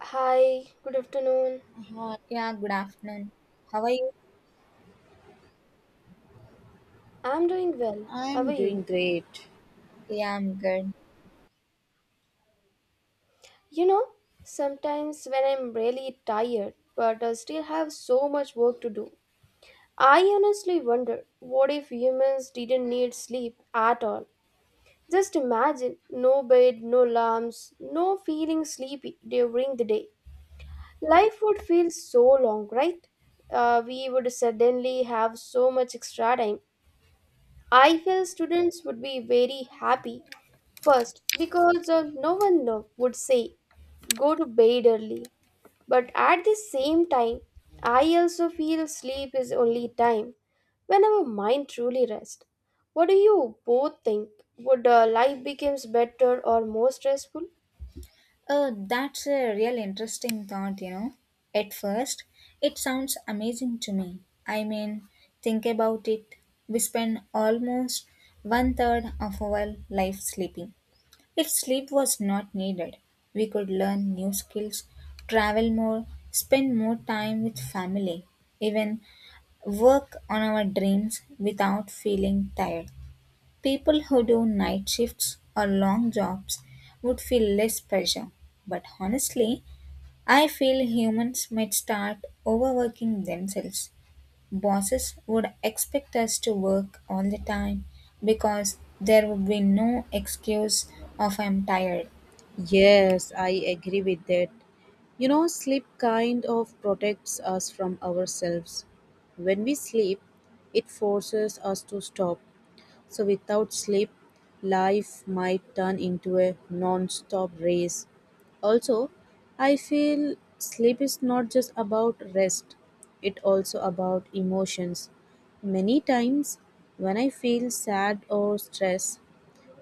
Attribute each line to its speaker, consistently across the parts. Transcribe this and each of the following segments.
Speaker 1: Hi, good afternoon.
Speaker 2: Uh,
Speaker 3: Yeah, good afternoon. How are you?
Speaker 1: I'm doing well. How are
Speaker 2: I'm
Speaker 1: you?
Speaker 2: doing great.
Speaker 3: Yeah, I'm good.
Speaker 1: You know, sometimes when I'm really tired, but I still have so much work to do, I honestly wonder what if humans didn't need sleep at all? Just imagine no bed, no alarms, no feeling sleepy during the day. Life would feel so long, right? We would suddenly have so much extra time. I feel students would be very happy. First, because no one would say go to bed early. But at the same time, I also feel sleep is only time when our mind truly rests. What do you both think? Would life becomes better or more stressful?
Speaker 3: Oh, that's a real interesting thought. At first, it sounds amazing to me. I mean, think about it. We spend almost one third of our life sleeping. If sleep was not needed, we could learn new skills, travel more, spend more time with family, even work on our dreams without feeling tired. People who do night shifts or long jobs would feel less pressure, but honestly, I feel humans might start overworking themselves. Bosses would expect us to work all the time because there would be no excuse of I'm tired.
Speaker 2: Yes, I agree with that. You know, sleep kind of protects us from ourselves. When we sleep, it forces us to stop. So, without sleep, life might turn into a non stop race. Also, I feel sleep is not just about rest, it also about emotions. Many times, when I feel sad or stressed,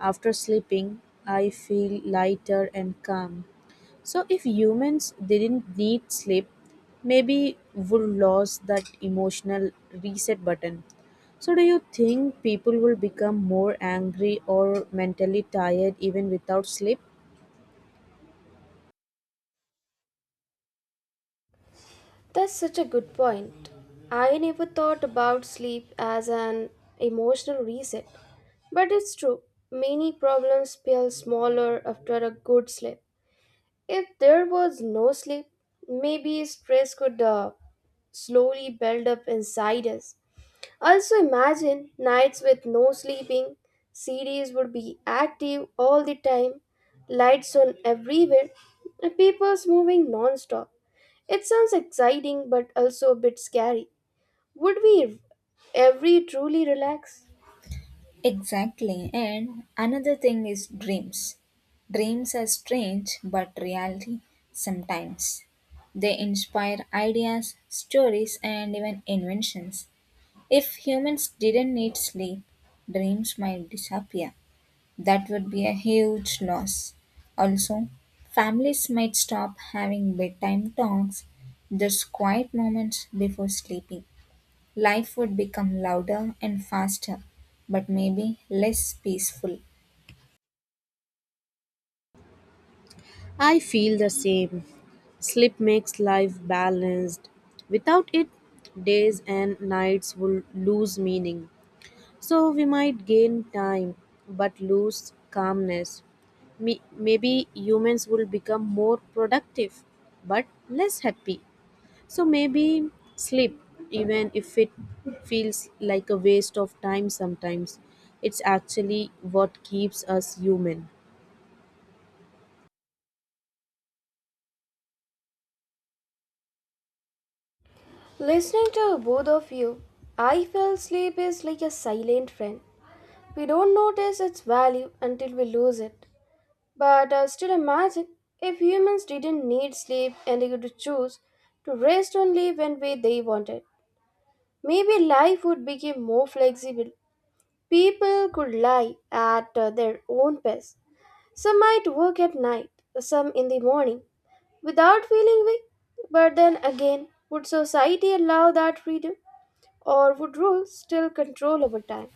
Speaker 2: after sleeping, I feel lighter and calm. So, if humans didn't need sleep, maybe would lose that emotional reset button. So, do you think people will become more angry or mentally tired even without sleep?
Speaker 1: That's such a good point. I never thought about sleep as an emotional reset. But it's true, many problems feel smaller after a good sleep. If there was no sleep, maybe stress could slowly build up inside us. Also, imagine nights with no sleeping, cities would be active all the time, lights on everywhere, and people's moving non stop. It sounds exciting but also a bit scary. Would we ever truly relax?
Speaker 3: Exactly. And another thing is dreams. Dreams are strange but reality sometimes. They inspire ideas, stories, and even inventions. If humans didn't need sleep, dreams might disappear. That would be a huge loss. Also, families might stop having bedtime talks, just quiet moments before sleeping. Life would become louder and faster, but maybe less peaceful.
Speaker 2: I feel the same. Sleep makes life balanced. Without it, days and nights will lose meaning. So, we might gain time but lose calmness. Maybe humans will become more productive but less happy. So maybe sleep, even if it feels like a waste of time sometimes, it's actually what keeps us human.
Speaker 1: Listening to both of you, I feel sleep is like a silent friend. We don't notice its value until we lose it. But still imagine if humans didn't need sleep and they could choose to rest only when they wanted. Maybe life would become more flexible. People could lie at their own pace. Some might work at night, some in the morning, without feeling weak. But then again, would society allow that freedom? Or would rules still control over time?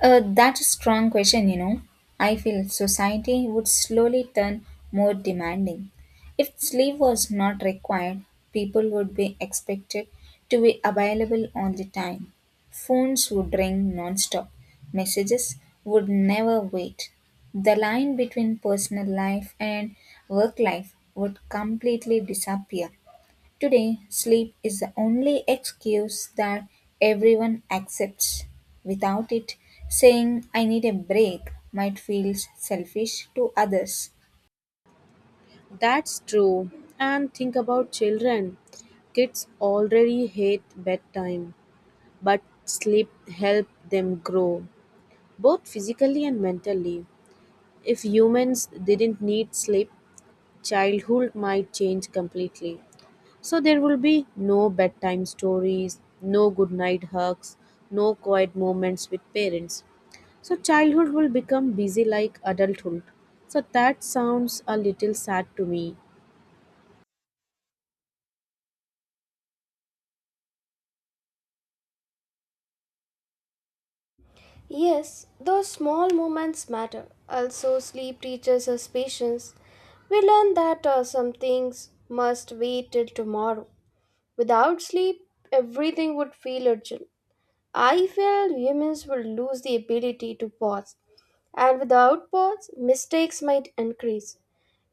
Speaker 3: That's a strong question. I feel society would slowly turn more demanding. If sleep was not required, people would be expected to be available all the time. Phones would ring non-stop. Messages would never wait. The line between personal life and work life would completely disappear. Today, sleep is the only excuse that everyone accepts. Without it, saying I need a break might feel selfish to others.
Speaker 2: That's true. And think about children. Kids already hate bedtime, but sleep helps them grow both physically and mentally. If humans didn't need sleep, childhood might change completely. So, there will be no bedtime stories, no good night hugs, no quiet moments with parents. So, childhood will become busy like adulthood. So that sounds a little sad to me.
Speaker 1: Yes, those small moments matter. Also, sleep teaches us patience. We learn that some things must wait till tomorrow. Without sleep, everything would feel urgent. I feel humans will lose the ability to pause, and without pause, mistakes might increase.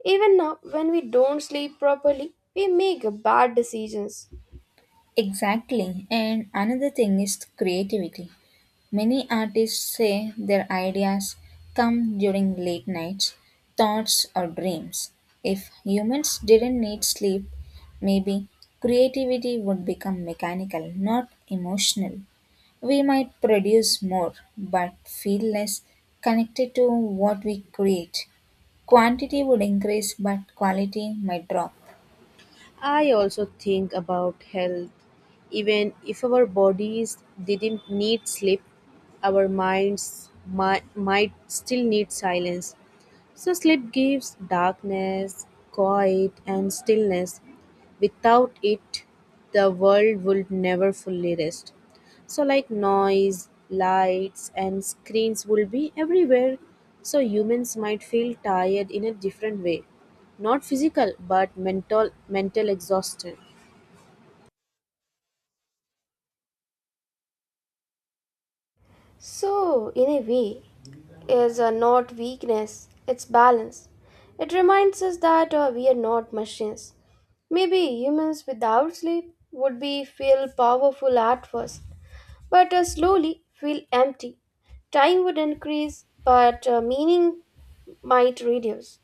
Speaker 1: Even now, when we don't sleep properly, we make bad decisions.
Speaker 3: Exactly. And another thing is creativity. Many artists say their ideas come during late nights, thoughts, or dreams. If humans didn't need sleep, maybe creativity would become mechanical, not emotional. We might produce more, but feel less connected to what we create. Quantity would increase, but quality might drop.
Speaker 2: I also think about health. Even if our bodies didn't need sleep, our minds might still need silence. So, sleep gives darkness, quiet, and stillness. Without it, the world would never fully rest. So, like noise, lights, and screens will be everywhere. So, humans might feel tired in a different way. Not physical, but mental, mental exhaustion.
Speaker 1: So, in a way, is not weakness, it's balance. It reminds us that we are not machines. Maybe humans without sleep would be feel powerful at first, but slowly feel empty. Time would increase, but meaning might reduce.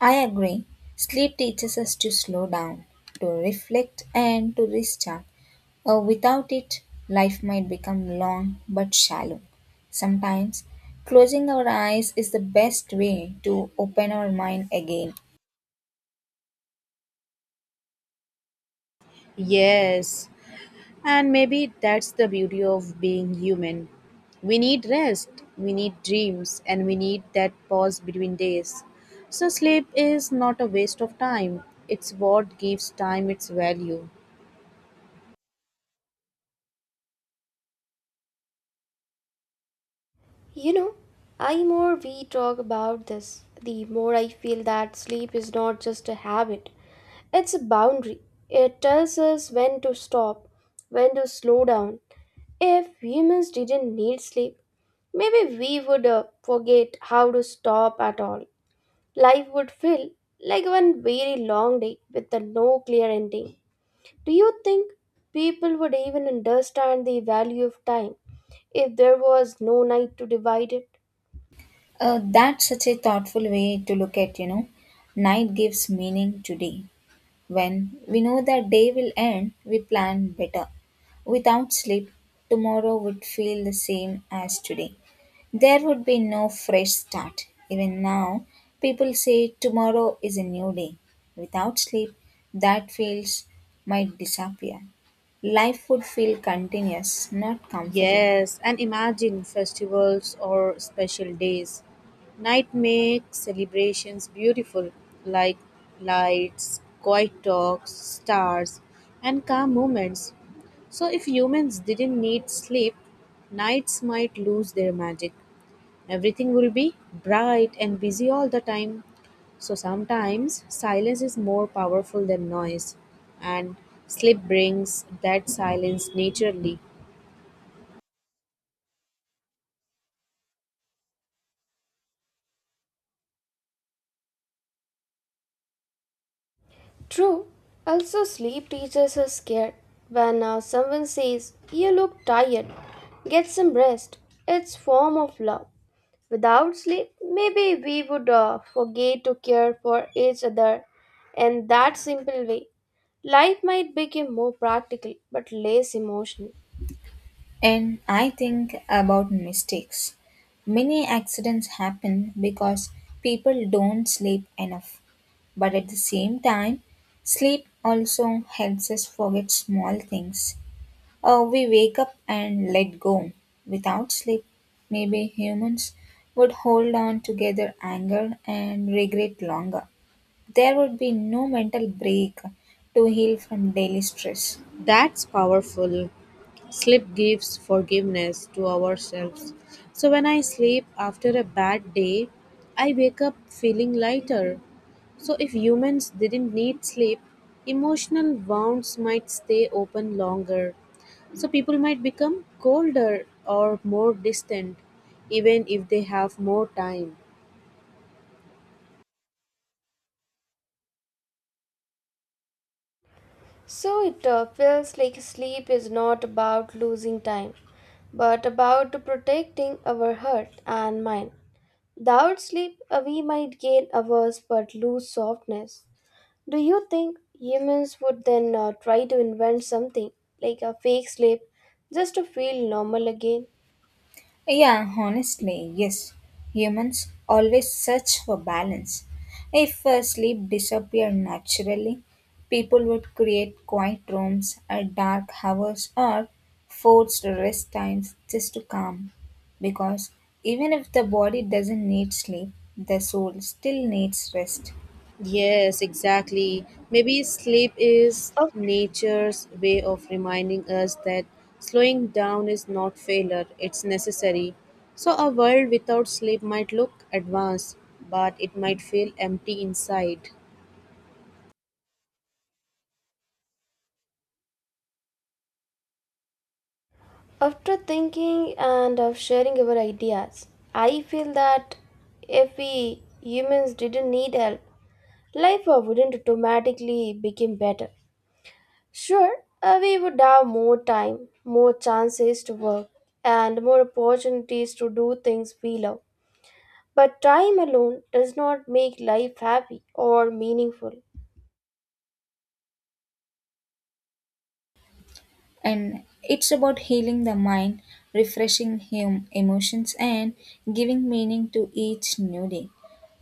Speaker 3: I agree. Sleep teaches us to slow down, to reflect, and to restart. Without it, life might become long but shallow. Sometimes, closing our eyes is the best way to open our mind again.
Speaker 2: Yes, and maybe that's the beauty of being human. We need rest, we need dreams, and we need that pause between days. So, sleep is not a waste of time, it's what gives time its value.
Speaker 1: You know, I more we talk about this, the more I feel that sleep is not just a habit. It's a boundary. It tells us when to stop, when to slow down. If humans didn't need sleep, maybe we would forget how to stop at all. Life would feel like one very long day with a no clear ending. Do you think people would even understand the value of time if there was no night to divide it?
Speaker 3: That's such a thoughtful way to look at. Night gives meaning to day. When we know that day will end, we plan better. Without sleep, tomorrow would feel the same as today. There would be no fresh start. Even now, people say tomorrow is a new day. Without sleep, that feels might disappear. Life would feel continuous, not comforting.
Speaker 2: Yes, and imagine festivals or special days. Night makes celebrations beautiful, like lights, quiet talks, stars, and calm moments. So, if humans didn't need sleep, nights might lose their magic. Everything will be bright and busy all the time. So, sometimes silence is more powerful than noise, and sleep brings that silence naturally.
Speaker 1: True. Also, sleep teaches us care. When someone says, "You look tired," get some rest. It's form of love. Without sleep, maybe we would forget to care for each other, and that simple way, life might become more practical but less emotional.
Speaker 3: And I think about mistakes. Many accidents happen because people don't sleep enough. But at the same time, sleep also helps us forget small things. Or we wake up and let go. Without sleep, maybe humans would hold on together anger and regret longer. There would be no mental break to heal from daily stress.
Speaker 2: That's powerful. Sleep gives forgiveness to ourselves. So when I sleep after a bad day, I wake up feeling lighter. So if humans didn't need sleep, emotional wounds might stay open longer. So people might become colder or more distant even if they have more time.
Speaker 1: So it feels like sleep is not about losing time, but about protecting our heart and mind. Without sleep, we might gain hours but lose softness. Do you think humans would then try to invent something like a fake sleep just to feel normal again?
Speaker 3: Yeah, honestly, yes. Humans always search for balance. If sleep disappeared naturally, people would create quiet rooms at dark hours or forced rest times just to calm. Because even if the body doesn't need sleep, the soul still needs rest.
Speaker 2: Yes, exactly. Maybe sleep is
Speaker 1: Or
Speaker 2: nature's way of reminding us that slowing down is not failure, it's necessary. So, a world without sleep might look advanced, but it might feel empty inside.
Speaker 1: after thinking and of sharing our ideas, I feel that if we humans didn't need help, life wouldn't automatically become better. Sure, we would have more time, more chances to work, and more opportunities to do things we love. But time alone does not make life happy or meaningful.
Speaker 3: And it's about healing the mind, refreshing him emotions, and giving meaning to each new day.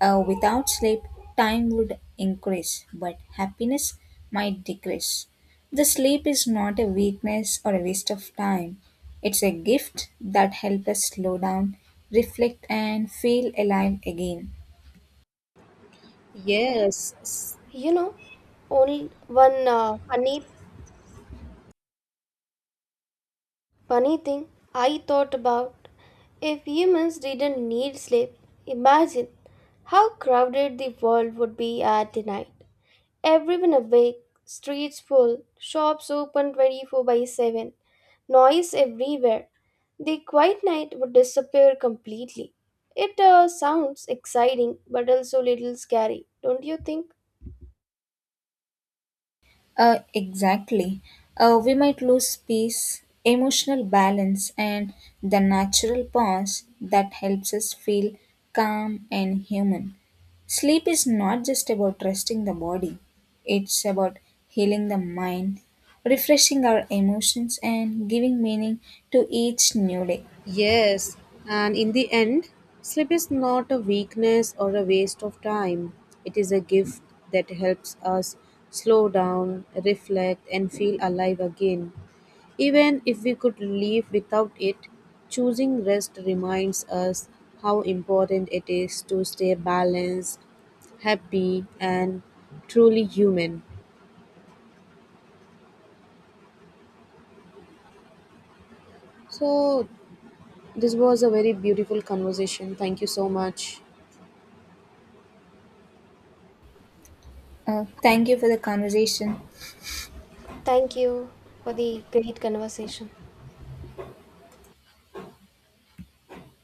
Speaker 3: Without sleep, time would increase, but happiness might decrease. The sleep is not a weakness or a waste of time. It's a gift that helps us slow down, reflect, and feel alive again.
Speaker 2: Yes, s-
Speaker 1: You know, only one funny thing I thought about, if humans didn't need sleep, imagine how crowded the world would be at the night. Everyone awake, streets full, shops open 24 by 7, noise everywhere. The quiet night would disappear completely. It sounds exciting but also little scary, don't you think?
Speaker 3: Exactly. We might lose peace, emotional balance, and the natural pause that helps us feel calm and human. Sleep is not just about resting the body, it's about healing the mind, refreshing our emotions, and giving meaning to each new day.
Speaker 2: yes. And in the end, sleep is not a weakness or a waste of time. It is a gift that helps us slow down, reflect, and feel alive again. Even if we could live without it, choosing rest reminds us how important it is to stay balanced, happy, and truly human. So, this was a very beautiful conversation. Thank you so much.
Speaker 3: Thank you for the conversation.
Speaker 1: Thank you for the great conversation.